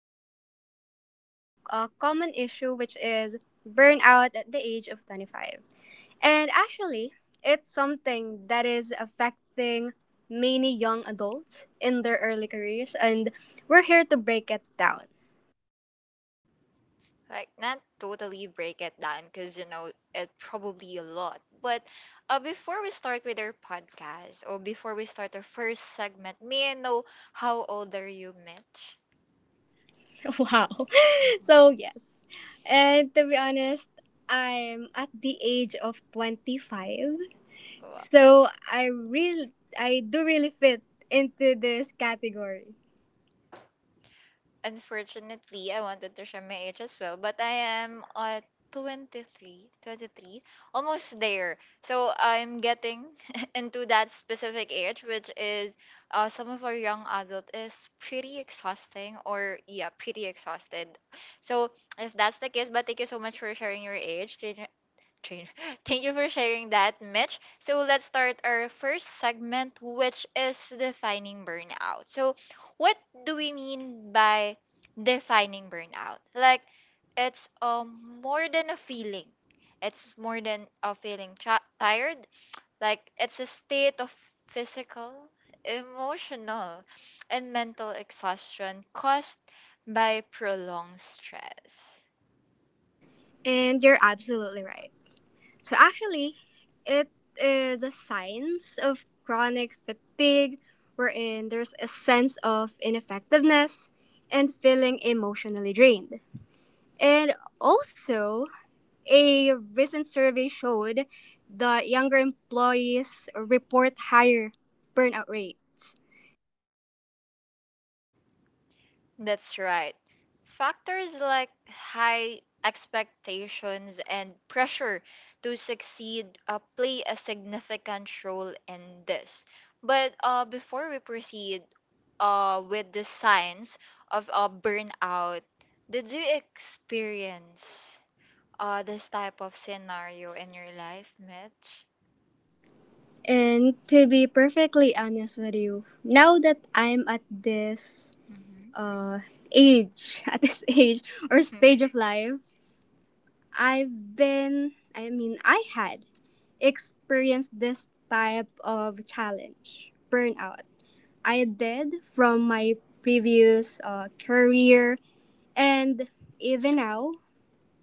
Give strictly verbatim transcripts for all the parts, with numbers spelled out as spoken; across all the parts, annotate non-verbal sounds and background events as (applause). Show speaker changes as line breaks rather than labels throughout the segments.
an increasing uh, common issue, which is burnout at the age of twenty-five. And actually, it's something that is affecting many young adults in their early careers, and we're here to break it down.
like not totally break it down because you know it probably a lot but uh, before we start with our podcast or before we start our first segment, may I know how old are you, Mitch?
(laughs) Wow. So
Mm-hmm.
yes. And to be honest, I'm at the age of twenty-five.
Wow.
So I really I do really fit into this category.
Unfortunately, I wanted to share my age as well, but I am at twenty-three, twenty-three, almost there. So I'm getting (laughs) into that specific age, which is uh, some of our young adult is pretty exhausting or yeah, pretty exhausted. So if that's the case, but thank you so much for sharing your age trainer. (gasps) (laughs) Thank you for sharing that, Mitch. So let's start our first segment, which is defining burnout. So, what do we mean by defining burnout? Like, it's um more than a feeling. It's more than a feeling tra- tired. Like, it's a state of physical, emotional, and mental exhaustion caused by prolonged stress.
And you're absolutely right. So actually, it is a signs of chronic fatigue wherein there's a sense of ineffectiveness and feeling emotionally drained. And also, a recent survey showed that younger employees report higher burnout rates.
That's right. Factors like high expectations and pressure to succeed uh, play a significant role in this. But uh, before we proceed uh, with the signs of uh, burnout, did you experience uh, this type of scenario in your life, Mitch?
And to be perfectly honest with you, now that I'm at this uh age, (laughs) at this age or
Mm-hmm.
stage of life, I've been I mean I had experienced this type of challenge, burnout. I did from my previous uh, career and even now.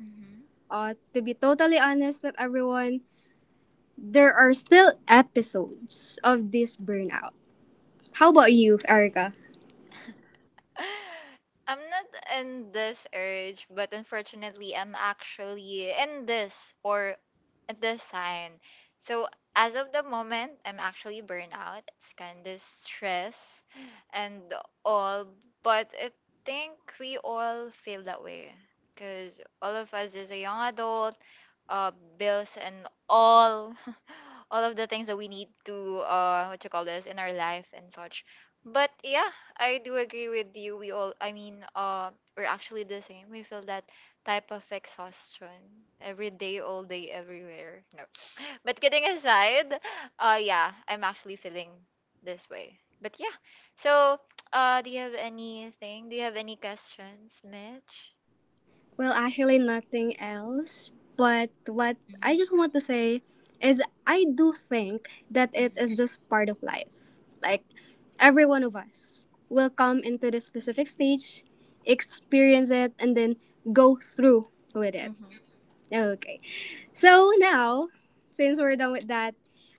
(laughs)
Uh, to be totally honest with everyone, there are still episodes of this burnout. How about you, Erica?
I'm not in this urge, but unfortunately, I'm actually in this or at this sign. So, as of the moment, I'm actually burnout. It's kind of stress and all, but I think we all feel that way because all of us is a young adult, uh, bills and all, (laughs) all of the things that we need to, uh, what you call this, in our life and such. But yeah, I do agree with you. We all i mean uh we're actually the same. We feel that type of exhaustion every day, all day, everywhere. No. (laughs) But kidding aside, uh yeah, I'm actually feeling this way. But yeah, so (tsk) uh do you have anything, do you have any questions, Mitch?
Well, actually, nothing else. But what
Mm-hmm,
I just want to say is I do think that it
mm-hmm,
is just part of life. Like, every one of us will come into this specific stage, experience it, and then go through with it.
mm-hmm.
Okay. So now, since we're done with that,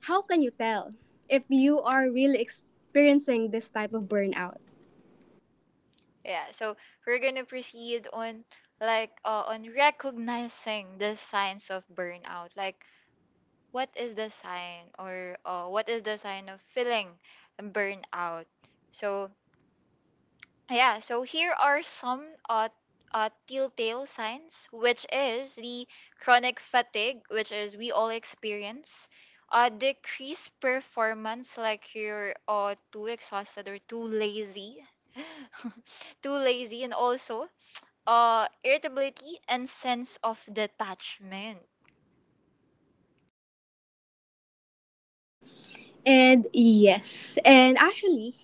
how can you tell if you are really experiencing this type of burnout?
Yeah, so we're gonna proceed on like uh, on recognizing the signs of burnout. Like, what is the sign, or uh, what is the sign of feeling burnout? So yeah, so here are some uh, uh telltale signs, which is the chronic fatigue, which is we all experience, uh, decreased performance, like you're uh too exhausted or too lazy. (laughs) Too lazy and also uh, irritability and sense of detachment.
And yes, and actually,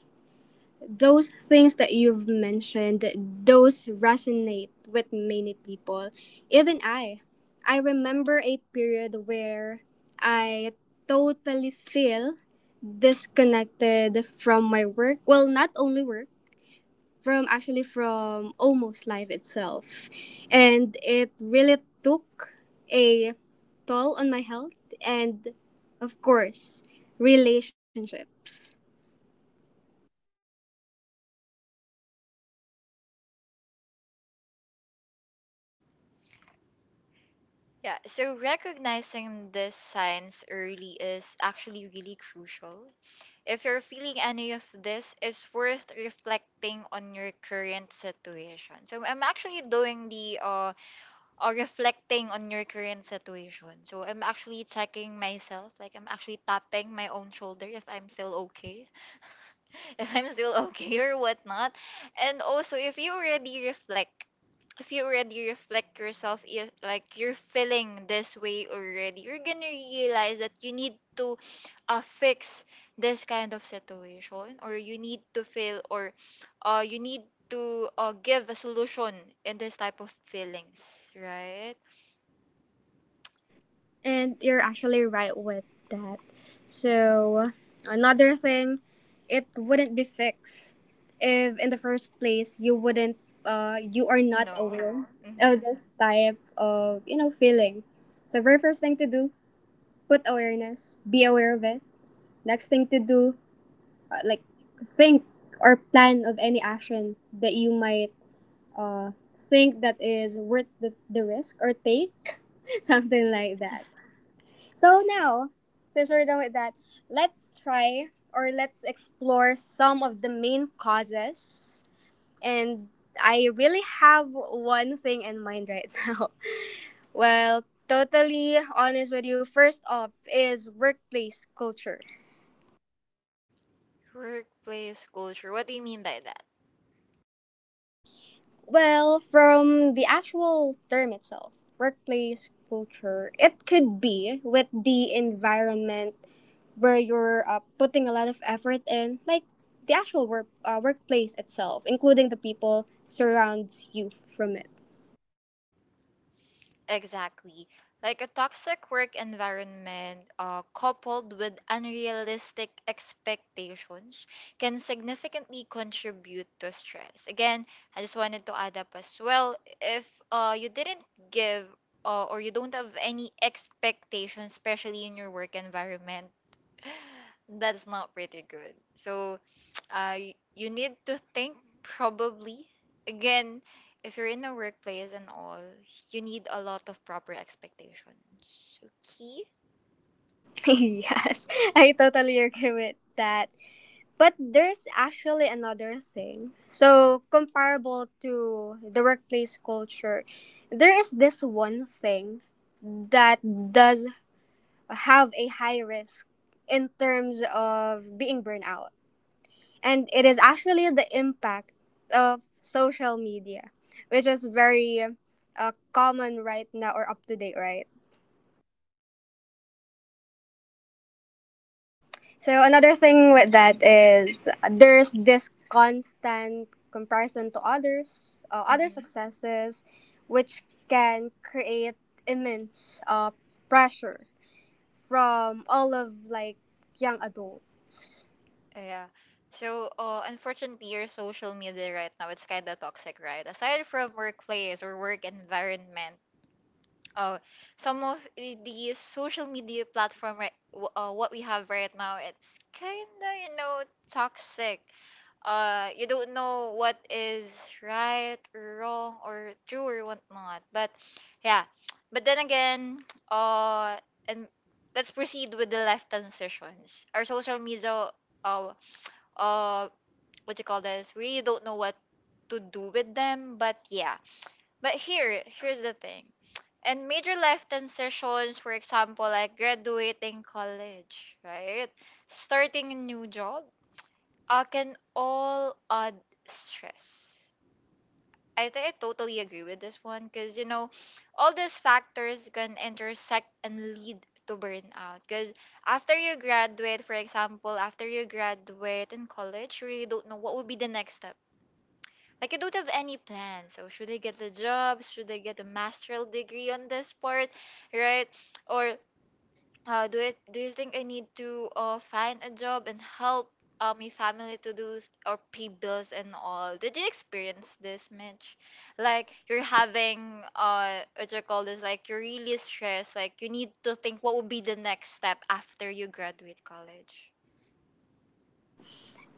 those things that you've mentioned, those resonate with many people. Even I. I remember a period where I totally feel disconnected from my work. Well, not only work, from actually from almost life itself, and it really took a toll on my health and of course relationships.
Yeah, so recognizing these signs early is actually really crucial. If you're feeling any of this, it's worth reflecting on your current situation. So I'm actually doing the, uh, uh reflecting on your current situation. So I'm actually checking myself, like I'm actually tapping my own shoulder if I'm still okay, (laughs) if I'm still okay or whatnot. And also, if you already reflect if you already reflect yourself, if like you're feeling this way already, you're gonna realize that you need to, uh, fix this kind of situation, or you need to feel, or uh, you need to uh, give a solution in this type of feelings, right?
And you're actually right with that.
Hmm.
So another thing, it wouldn't be fixed if in the first place you wouldn't uh you are not
No.
aware
Hmm.
of this type of you know feeling. So very first thing to do, put awareness, be aware of it. Next thing to do, uh, like think or plan of any action that you might uh, think that is worth the, the risk or take, (laughs) something like that. So now, since we're done with that, let's try or let's explore some of the main causes. And I really have one thing in mind right (laughs) now. Well, totally honest with you, first off is workplace culture.
Workplace culture, what do you mean by that?
Well, from the actual term itself, workplace culture, it could be with the environment where you're uh, putting a lot of effort in, like the actual work uh, workplace itself, including the people surrounds you from it.
Exactly. Like a toxic work environment uh, coupled with unrealistic expectations can significantly contribute to stress. Again, I just wanted to add up as well, if uh, you didn't give, uh, or you don't have any expectations, especially in your work environment, that's not pretty good. So, (tsk) uh, y- you need to think, probably. Again, if you're in a workplace and all, you need a lot of proper expectations. Okay?
(laughs) Yes, I totally agree with that. But there's actually another thing. So comparable to the workplace culture, there is this one thing that does have a high risk in terms of being burned out. And it is actually the impact of social media, which is very uh, common right now or up to date, right? So, another thing with
Mhm.
that is there's this constant comparison to others, uh, other
Mm-hmm.
successes, which can create immense uh, pressure from all of like young adults.
Yeah. So, uh, unfortunately, your social media right now, it's kind of toxic, right? Aside from workplace or work environment, uh, some of the the social media platform, right, w- uh, what we have right now, it's kind of, you know, toxic. Uh, you don't know what is right or wrong or true or whatnot. But yeah, but then again, (tsk) uh and let's proceed with the life transitions. Our social media, uh uh what you call this, really don't know what to do with them. But yeah, but here here's the thing, and major life transitions, for example, like graduating college, right, starting a new job, uh, can all add stress. I think I totally agree with this one because, you know, all these factors can intersect and lead to burnout. Because after you graduate, for example, after you graduate in college, you really don't know what would be the next step. Like, you don't have any plan. So, should I get a job? Should I get a master's degree on this part? Right? Or uh, do it? Do you think I need to, uh, find a job and help, uh, my family to do s- or pay bills and all? Did you experience this, Mitch? Like you're having, uh, what you call this? Like you're really stressed. Like you need to think what would be the next step after you graduate college.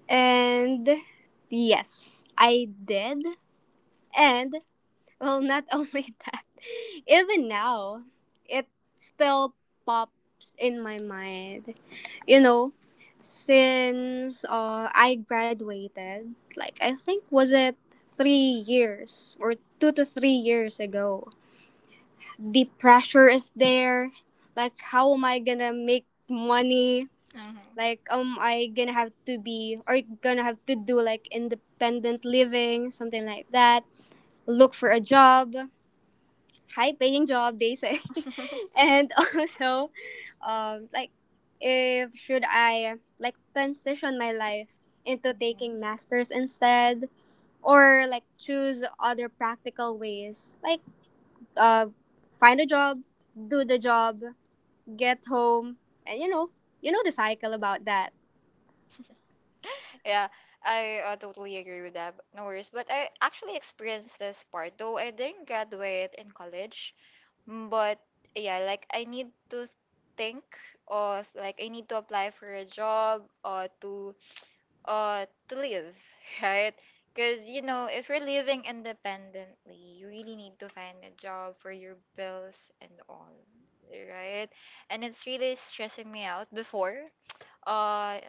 And yes, I did. And well, not (laughs) only that, even now, it still pops in my mind. You know, since uh, I graduated, like I think was it three years or two to three years ago, the pressure is there. Like, how am I gonna make money?
Mm-hmm.
Like um, I gonna have to be or gonna have to do like independent living, something like that. Look for a job, high paying job they say, (laughs)
(laughs)
and also, um, like if should I like transition my life into taking
Hmm.
masters instead or like choose other practical ways like uh find a job, do the job, get home, and you know, you know the cycle about that.
Yeah, I, uh, totally agree with that. No worries. But I actually experienced this part, though I didn't graduate in college. Mm. But yeah, like I need to think of, like I need to apply for a job or to, uh to live, (laughs) right? Because you know, if you're living independently, you really need to find a job for your bills and all, right? And it's really stressing me out before. Uh,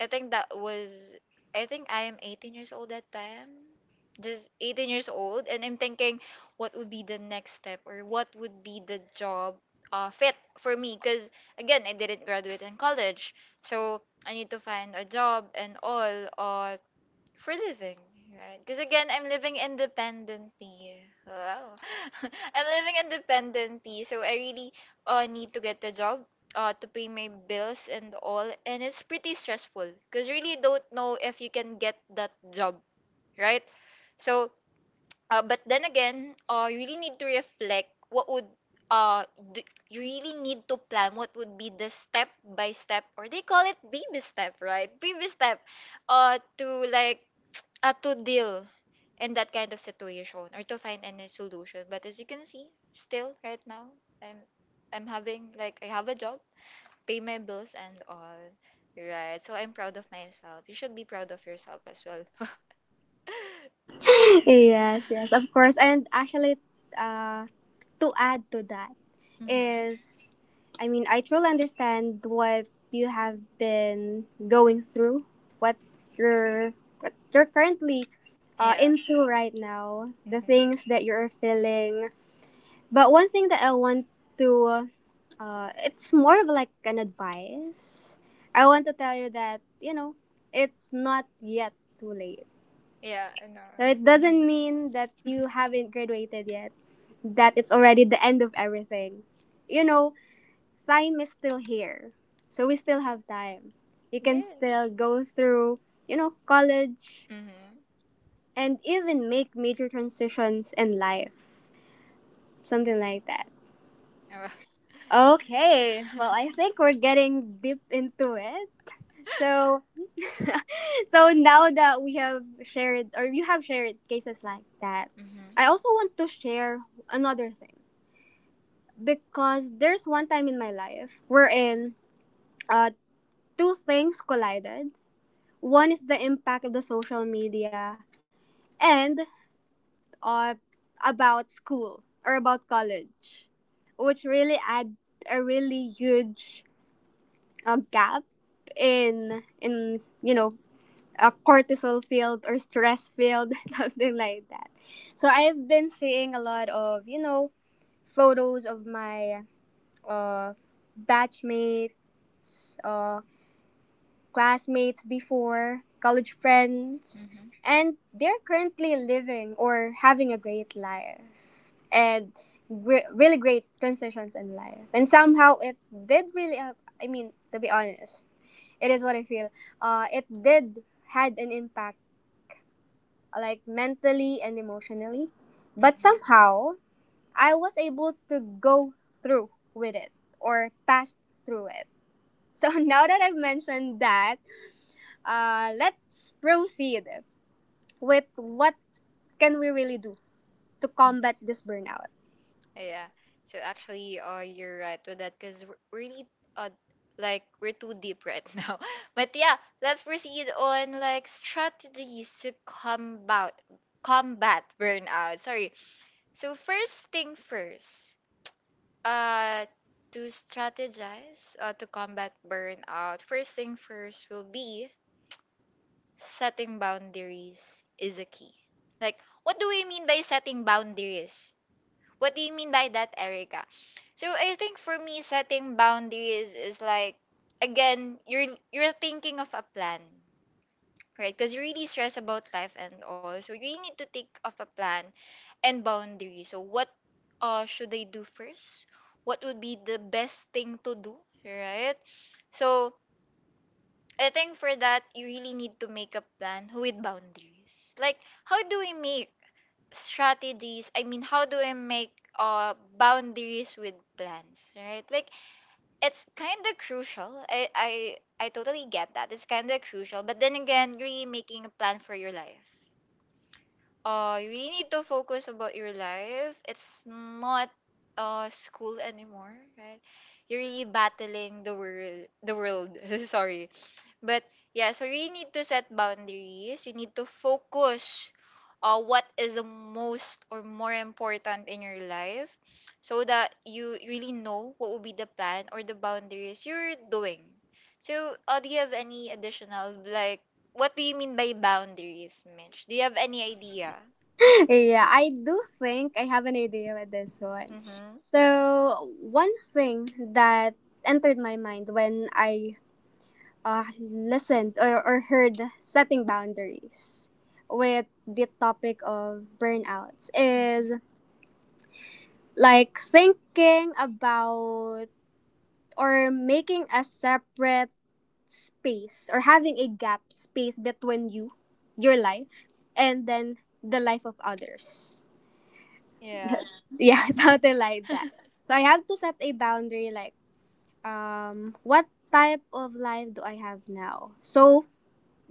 I think that was, I think I am eighteen years old that time. Just eighteen years old and I'm thinking what would be the next step or what would be the job uh, fit for me because again I didn't graduate in college, so I need to find a job and all or for living, right? Because again, I'm living independently. Wow. (laughs) I'm living independently, so I really, uh, need to get a job, uh, to pay my bills and all. And it's pretty stressful because really don't know if you can get that job, right? So, uh, but then again, uh, you really need to reflect what would, uh d- you really need to plan what would be the step by step, or they call it baby step, right? Baby step, uh to like, uh, to deal in that kind of situation or to find any solution. But as you can see, still right now, I'm I'm having, like I have a job, pay my bills and all. Right. So I'm proud of myself. You should be proud of yourself as well. (laughs)
Yes, yes, of course. And actually, uh, to add to that
Mhm.
is, I mean, I truly understand what you have been going through, what you're, what you're currently uh,
Yeah.
into right now, the
Mhm.
things that you're feeling. But one thing that I want to, uh, it's more of like an advice. I want to tell you that you know it's not yet too late,
Yeah, I know.
so it doesn't
Mhm.
mean that you haven't graduated yet, that it's already the end of everything. You know, time is still here. So we still have time. You can
Yes.
still go through, you know, college
Mhm.
and even make major transitions in life. Something like that. Okay,
(laughs) Mhm.
well, I think we're getting deep into it. So (laughs) so now that we have shared or you have shared cases like that,
Mhm.
I also want to share another thing because there's one time in my life wherein uh, two things collided. One is the impact of the social media and uh, about school or about college, which really add a really huge uh, gap in in you know uh, cortisol field or stress field, (laughs) something like that. So I've been seeing a lot of, you know, photos of my uh, batchmates, uh, classmates before, college friends,
Mhm.
and they're currently living or having a great life and re- really great transitions in life. And somehow it did really, uh, I mean, to be honest, it is what I feel. Uh, it did had an impact like mentally and emotionally. But somehow, I was able to go through with it or pass through it. So (laughs) now that I've mentioned that, uh, let's proceed with what can we really do to
Mhm. (laughs)
combat this burnout.
Yeah. So actually, uh, you're right with that because we're really, uh, like we're too deep right (laughs) now. But yeah, let's proceed on like strategies to combat combat burnout. Sorry. So first thing first, uh, to strategize, uh, to combat burnout. First thing first will be setting boundaries is a key. Like, what do we mean by setting boundaries? What do you mean by that, Erica? So I think for me, setting boundaries is like, again, you're you're thinking of a plan, right? Because you're really stressed about life and all, so you really need to think of a plan and boundaries. So what, uh should I do first? What would be the best thing to do, right? So I think for that, you really need to make a plan with boundaries. Like, how do we make strategies, I mean, how do I make, uh boundaries with plans, right? Like, it's kind of crucial. I i i totally get that it's kind of crucial, but then again, really making a plan for your life, uh you really need to focus about your life. It's not, uh school anymore, right? You're really battling the world, the world (laughs) sorry. But yeah, so we need to set boundaries. You need to focus on what is the most or more important in your life so that you really know what will be the plan or the boundaries you're doing. So, uh, do you have any additional, like, what do you mean by boundaries, Mitch? Do you have any idea?
(laughs) Yeah, I do think I have an idea with this one.
Mm-hmm.
So one thing that entered my mind when I uh, listened or, or heard setting boundaries with the topic of burnouts
Mm-hmm.
is like thinking about or making a separate space or having a gap space between you, your life, and then the life of others.
Yeah.
That's- yeah, (laughs)
Mm-hmm.
something like that. So I have to set a boundary like um what type of life do I have now? So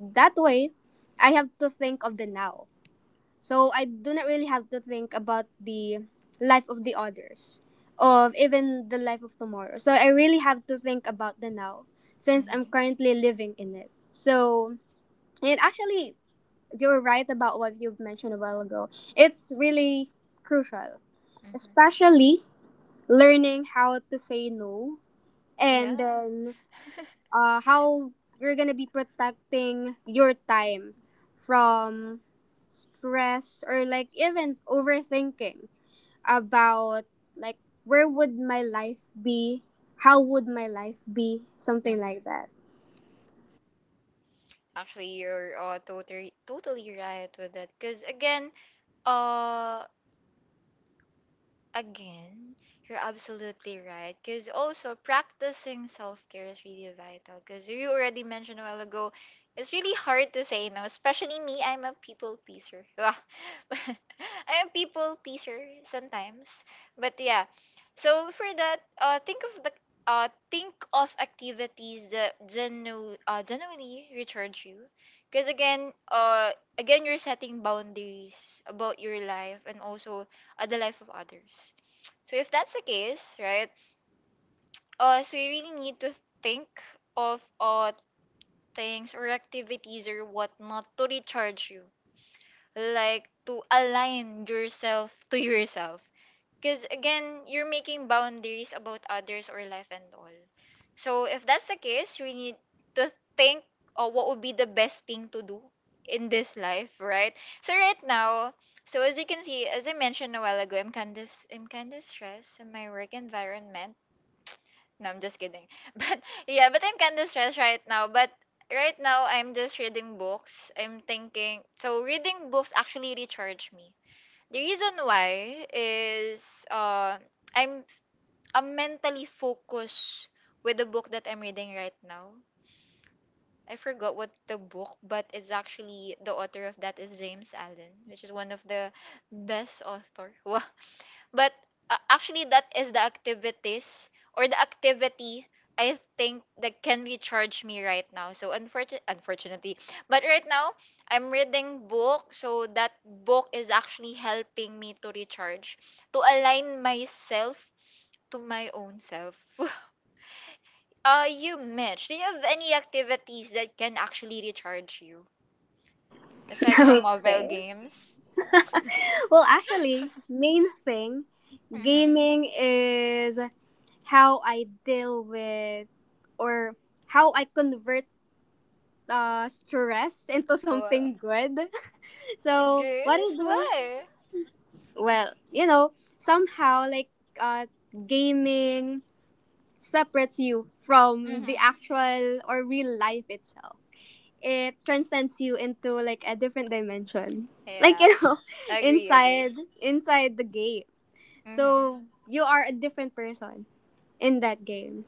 that way, I have to think of the now. So I do not really have to think about the life of the others, of even the life of tomorrow. So I really have to think about the now since
Mm-hmm.
I'm currently living in it. So, it actually, you're right about what you've mentioned a while ago. It's really crucial,
Mm-hmm.
especially learning how to say no,
Yeah.
and
(laughs)
then uh, how you're gonna be protecting your time from stress or like even overthinking about like where would my life be, how would my life be, something like
Mm-hmm.
that.
Actually, you're, uh, totally, totally right with that. Because, again, Uh, again, you're absolutely right. Because also practicing self care is really vital. Because you already mentioned a while ago, it's really hard to say no. Especially me, I'm a people pleaser. (laughs) I'm a people pleaser sometimes. But yeah, so for that, uh, think of the, uh, think of activities that genu- uh, genuinely recharge you. Because again, uh, again, you're setting boundaries about your life and also, uh, the life of others. So if that's the case, right? Uh, so we really need to think of uh things or activities or whatnot to recharge you, like to align yourself to yourself. Because again, you're making boundaries about others or life and all. So if that's the case, we need to think of what would be the best thing to do in this life, right? So right now, so as you can see, as I mentioned a while ago, I'm kinda s- I'm kinda stressed in my work environment. No, I'm just kidding. (laughs) But yeah, but I'm kinda stressed right now. But right now, I'm just reading books. I'm thinking so reading books actually recharge me, the reason why is uh, I'm I'm mentally focused with the book that I'm reading right now. I forgot what the book, but it's actually the author of that is James Allen, which is one of the best author. (laughs) But uh, Actually, that is the activities or the activity I think that can recharge me right now. So unfortunate, unfortunately, but right now I'm reading book. So that book is actually helping me to recharge, to align myself to my own self. (laughs) Uh, you, Mitch, do you have any activities that can actually recharge you
(laughs)
aside from mobile
Okay.
games?
(laughs) Well actually
(laughs)
main thing,
Mm-hmm.
gaming is how I deal with or how I convert uh, stress into
Oh, uh,
something good. (laughs) So what I
games?
do?
Why?
Well, you know, somehow like uh, gaming separates you from the
Mm-hmm.
actual or real life itself. It transcends you into like a different dimension. Like
Yeah.
you know, (laughs)
Agree, agree.
inside inside the game.
Mm-hmm.
So you are a different person in that game.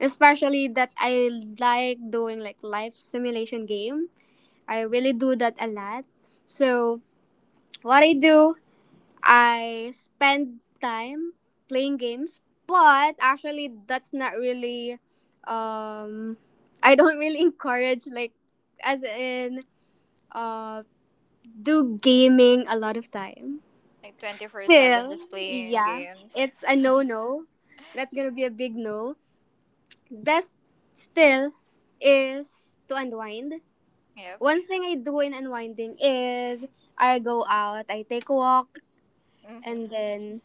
Especially that I like doing like life simulation game, I really do that a lot. So, what I do, I spend time playing games, but actually that's not really um (laughs) I don't really (laughs) encourage like as in uh do gaming a lot of time.
Like twenty-four seven
Still,
just playing
yeah,
games.
it's a no-no. That's going to be a big no. Best still is to unwind.
Yep.
One thing I do in unwinding is I go out, I take a walk,
Mm-hmm.
and then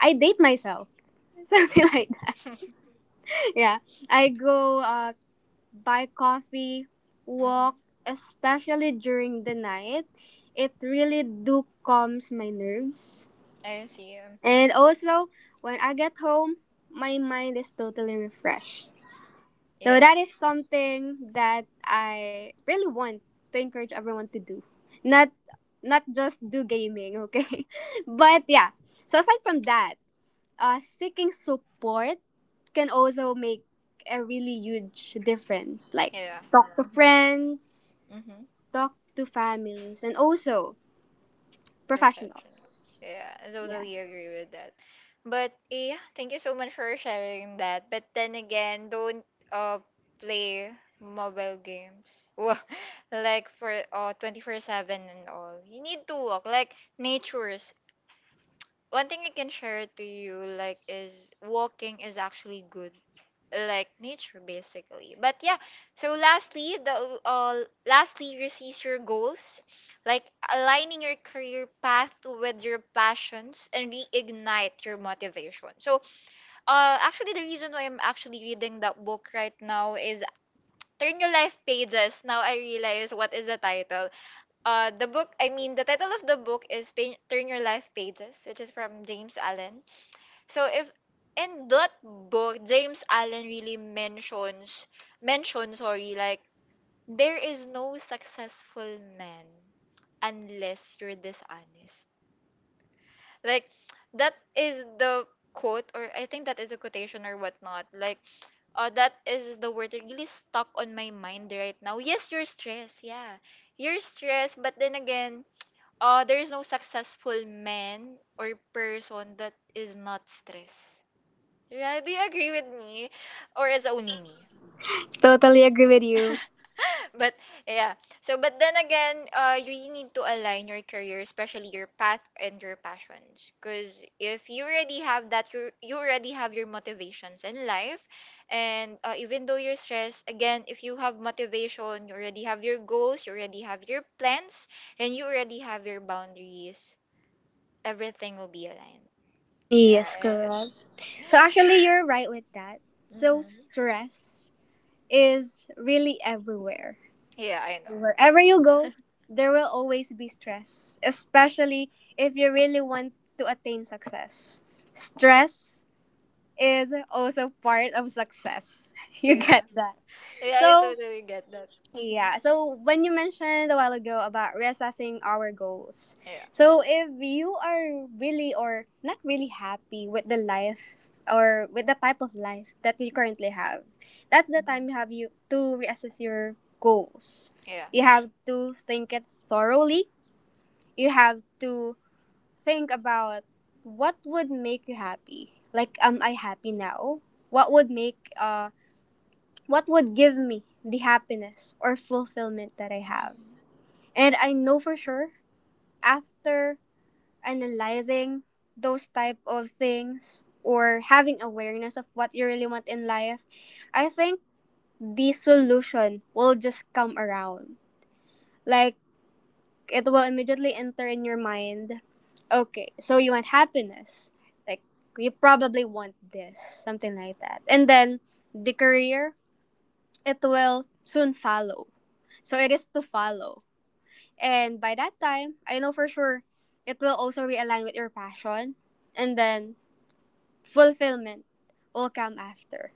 I date myself. (laughs) Something like that. Yeah. I go uh, buy coffee,
(laughs)
walk,
mm-hmm.
especially during the night. It really do calms my nerves.
I see. Mm-hmm.
And also, when I get home, my mind is totally refreshed. So
Yeah.
that is something that I really want to encourage everyone to do. Not not just do gaming, okay? (laughs) But yeah. So aside from that, uh seeking support can also make a really huge difference. Like
Yeah.
talk to
Mm-hmm.
friends,
Mm-hmm.
talk to families and also
Professionals.
professionals.
Yeah. I
Yeah.
totally agree with that. But eh, yeah, thank you so much for sharing that. But then again, don't uh play mobile games. (laughs) Wa- like for uh twenty-four seven and all. You need to walk like nature, one thing I can share to you like is walking is actually good, like nature basically. But yeah, so lastly, the uh lastly receives your goals, like aligning your career path with your passions and reignite your motivation. So uh actually the reason why I'm actually reading that book right now is turn your life pages. Now I realize what is the title. Uh the book i mean the title of the book is Turn Turn Your Life Pages, which is from James Allen. So if in that book, James Allen really mentions mentions sorry, like, there is no successful man unless you're dishonest. Like, that is the quote, or I think that is a quotation or whatnot. Like, uh, that is the word that really stuck on my mind right now. Yes, you're stressed, yeah. You're stressed, but then again, uh, there is no successful man or person that is not stressed. Yeah, do you agree with me? Or it's only me?
Totally agree with you.
(laughs) But yeah. So but then again, uh you really need to align your career, especially your path and your passions. Cause if you already have that, you you already have your motivations in life. And uh, even though you're stressed, again, if you have motivation, you already have your goals, you already have your plans, and you already have your boundaries, everything will be aligned.
Yes,
Right.
correct. So
(laughs)
actually you're right with that. So
Mm-hmm.
stress is really everywhere.
Yeah, I know.
Wherever you go, there will always be stress, especially if you really want to attain success. Stress is also part of success. (laughs) You get
Yeah.
that.
Yeah, I
So,
totally get that. Mhm.
yeah. So when you mentioned a while ago about reassessing our goals,
Yeah.
so if you are really or not really happy with the life or with the type of life that you currently have, that's the
Mhm.
time you have you to reassess your goals.
Yeah.
You have to think it thoroughly. You have to think about what would make you happy. Like, am I happy now? What would make uh what would give me the happiness or fulfillment that I have?
Mhm.
And I know for sure after analyzing those type of things or having awareness of what you really want in life, I think the solution will just come around. Like it will immediately enter in your mind. Okay, so you want happiness. Like you probably want this, something like that. And then the career, it will soon follow. So it is to follow. And by that time, I know for sure it will also realign with your passion. And then fulfillment will come after.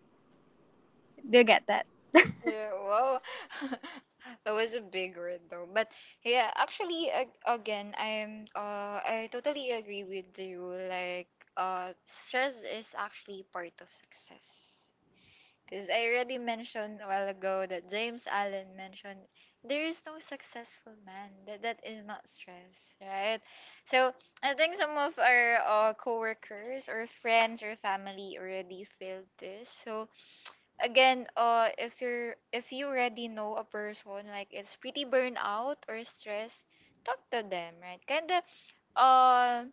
Do you get that? (laughs)
Yeah. Wow. (laughs) That was a big word though. But yeah, actually, ag- again, I'm uh, I totally agree with you. Like, uh, stress is actually part of success. Because I already mentioned a while ago that James Allen mentioned, there is no successful man, That that is not stress, right? So I think some of our uh, coworkers or friends or family already feel this. So again, uh, if you're if you already know a person like it's pretty burnout or stress, talk to them, right? Kinda, uh,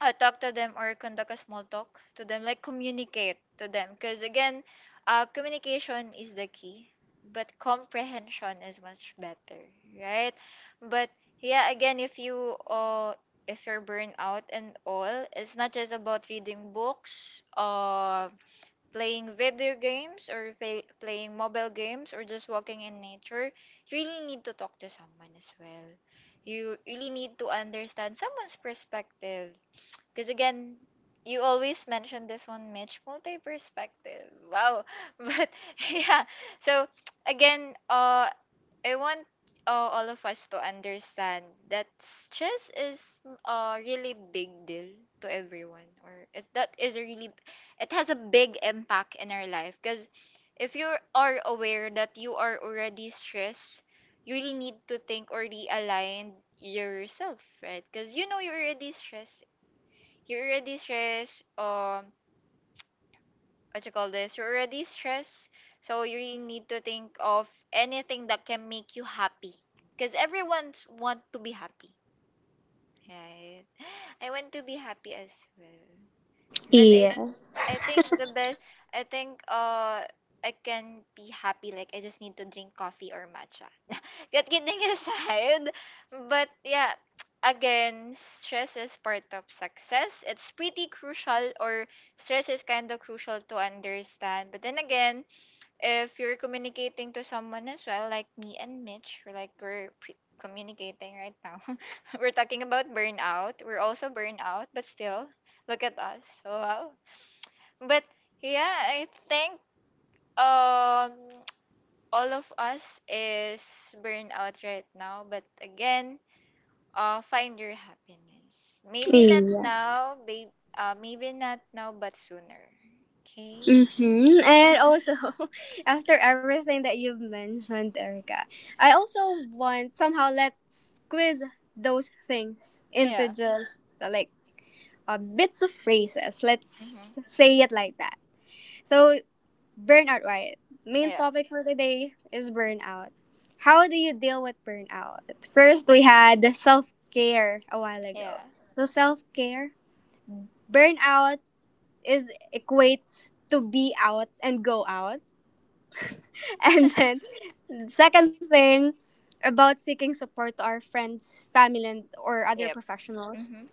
uh, Talk to them or conduct a small talk to them, like communicate to them. Because again, uh, communication is the key, but comprehension is much better, right? But yeah, again, if you uh, if you're burned out and all, it's not just about reading books, uh, playing video games or play, playing mobile games or just walking in nature. You really need to talk to someone as well. You really need to understand someone's perspective, because again, you always mention this one, Mitch, multi perspective. Wow. (laughs) But yeah. So again, uh, I want uh, all of us to understand that stress is a really big deal to everyone, or it, that is a really, it has a big impact in our life. Because if you are aware that you are already stressed, you really need to think or realign yourself, right? Because you know you're already stressed you're already stressed um what you call this you're already stressed, so you really need to think of anything that can make you happy, because everyone's want to be happy, right? (gasps) I want to be happy as well. But i
Yes.
I think the best, I think uh I can be happy like I just need to drink coffee or matcha. (laughs) Get kidding aside, but yeah, (tsk) again, stress is part of success. It's pretty crucial, or stress is kind of crucial to understand. But then again, if you're communicating to someone as well like me and Mitch, we're like we're pre- communicating right now. (laughs) We're talking about burnout. We're also burnout, but still look at us. So, wow. But yeah, I think um (tsk) all of us is burned out right now. But again, uh, find your happiness. Maybe not
Yes.
now, babe. Uh, maybe not now, but sooner. Okay.
Mm-hmm. And also, (laughs) after everything that you've mentioned, Erica, I also want somehow let's squeeze those things into
Yeah.
just uh, like uh, bits of phrases.
Mhm.
Let's say it like that. So burnout, right? Main
Yeah.
topic for today is burnout. How do you deal with burnout? First, we had self care a while
Yeah.
ago. So, self care, burnout is equates to be out and go out. (laughs) And then, second thing about seeking support to our friends, family, and or other
Yep.
professionals.
Mhm.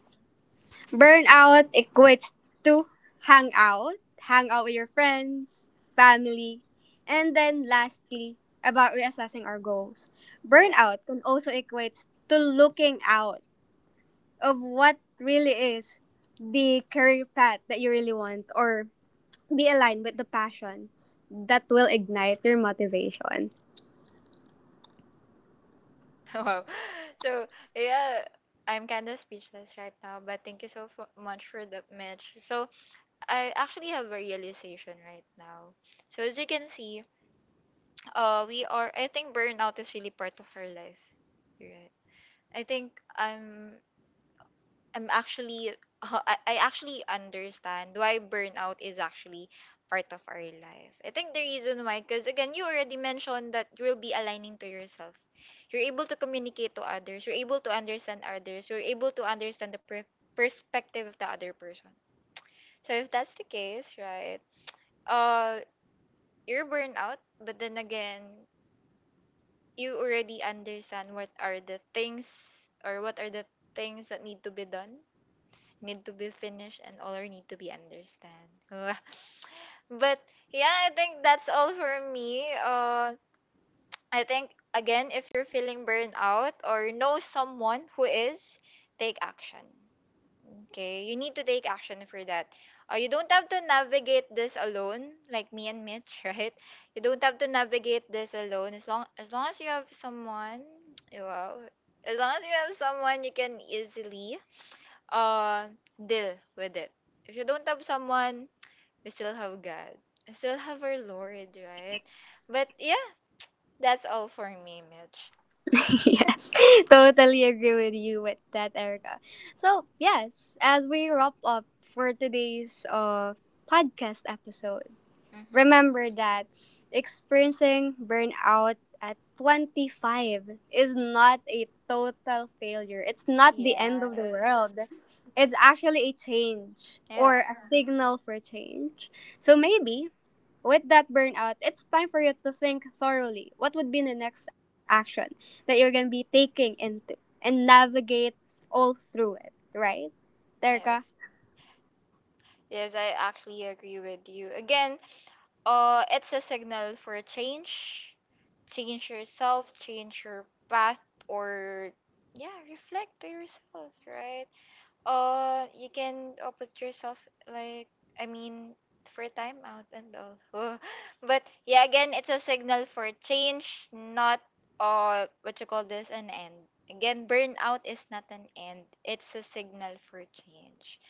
Burnout equates to hang out, hang out with your friends, family, and then lastly, about reassessing our goals.
Yeah.
Burnout can also equate to looking out of what really is the career path that you really want or be aligned with the passions that will ignite your motivation.
(laughs) Wow. So yeah, I'm kind of speechless right now. But thank you so fu- much for that, Mitch. So I actually have a realization right now. So as you can see, uh we are, I think burnout is really part of our life, right? I think I'm I'm actually (laughs) I, I actually understand why burnout is actually part of our life. I think the reason why cuz again you already mentioned that you will be aligning to yourself. You're able to communicate to others, you're able to understand others, you're able to understand the per- perspective of the other person. So if that's the case, right? Uh you're burnout, but then again you already understand what are the things or what are the things that need to be done, need to be finished, and all are need to be understand. (laughs) But yeah, I think that's all for me. Uh, I think again, if you're feeling burned out or know someone who is, take action. Okay, you need to take action for that. Uh, you don't have to navigate this alone, like me and Mitch, (laughs) right? You don't have to navigate this alone. As long as long as you have someone, (tsk) wow, as long as you have someone, you can easily uh deal with it. If you don't have someone, we still have God. We still have our Lord, right? But yeah, that's all for me, Mitch.
(laughs) Yes, (laughs) totally agree with you with that, Erica. So, yes, as we wrap up for today's uh, podcast episode,
Mhm.
remember that experiencing burnout at twenty-five is not a total failure. It's not the end of the
Yes.
world. It's actually a change or
Yeah.
a
Mhm.
signal for change. So, maybe with that burnout, it's time for you to think thoroughly what would be the next action that you're going to be taking into and navigate all through it, right, Terka?
Yes. Yes, I actually agree with you. Again, uh, it's a signal for change. Change yourself, change your path, or yeah, reflect to yourself, right? Uh, you can uh, put yourself like, I mean, for time out and all. (laughs) But yeah, again, it's a signal for change, not uh what you call this, an end. Again, burnout is not an end. It's a signal for change.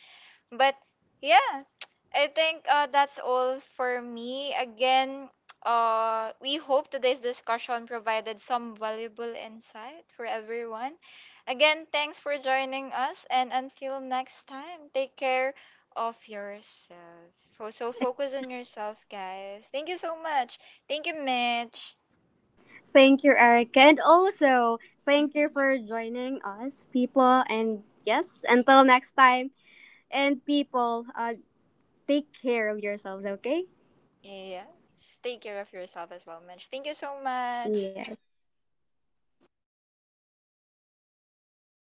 But yeah, (tsk) I think uh, that's all for me. Again, uh, we hope today's discussion provided some valuable insight for everyone. Again, thanks for joining us, and until next time, take care of yourself. So, so focus on yourself, guys. Thank you so much. Thank you, Mitch.
Thank you, Eric. And also, thank you
Hmm.
for joining us, people. And yes, until next time. And people, uh, take care of yourselves, okay?
Yes, take care of yourself as well, Mitch. Thank you so
Yes.
much.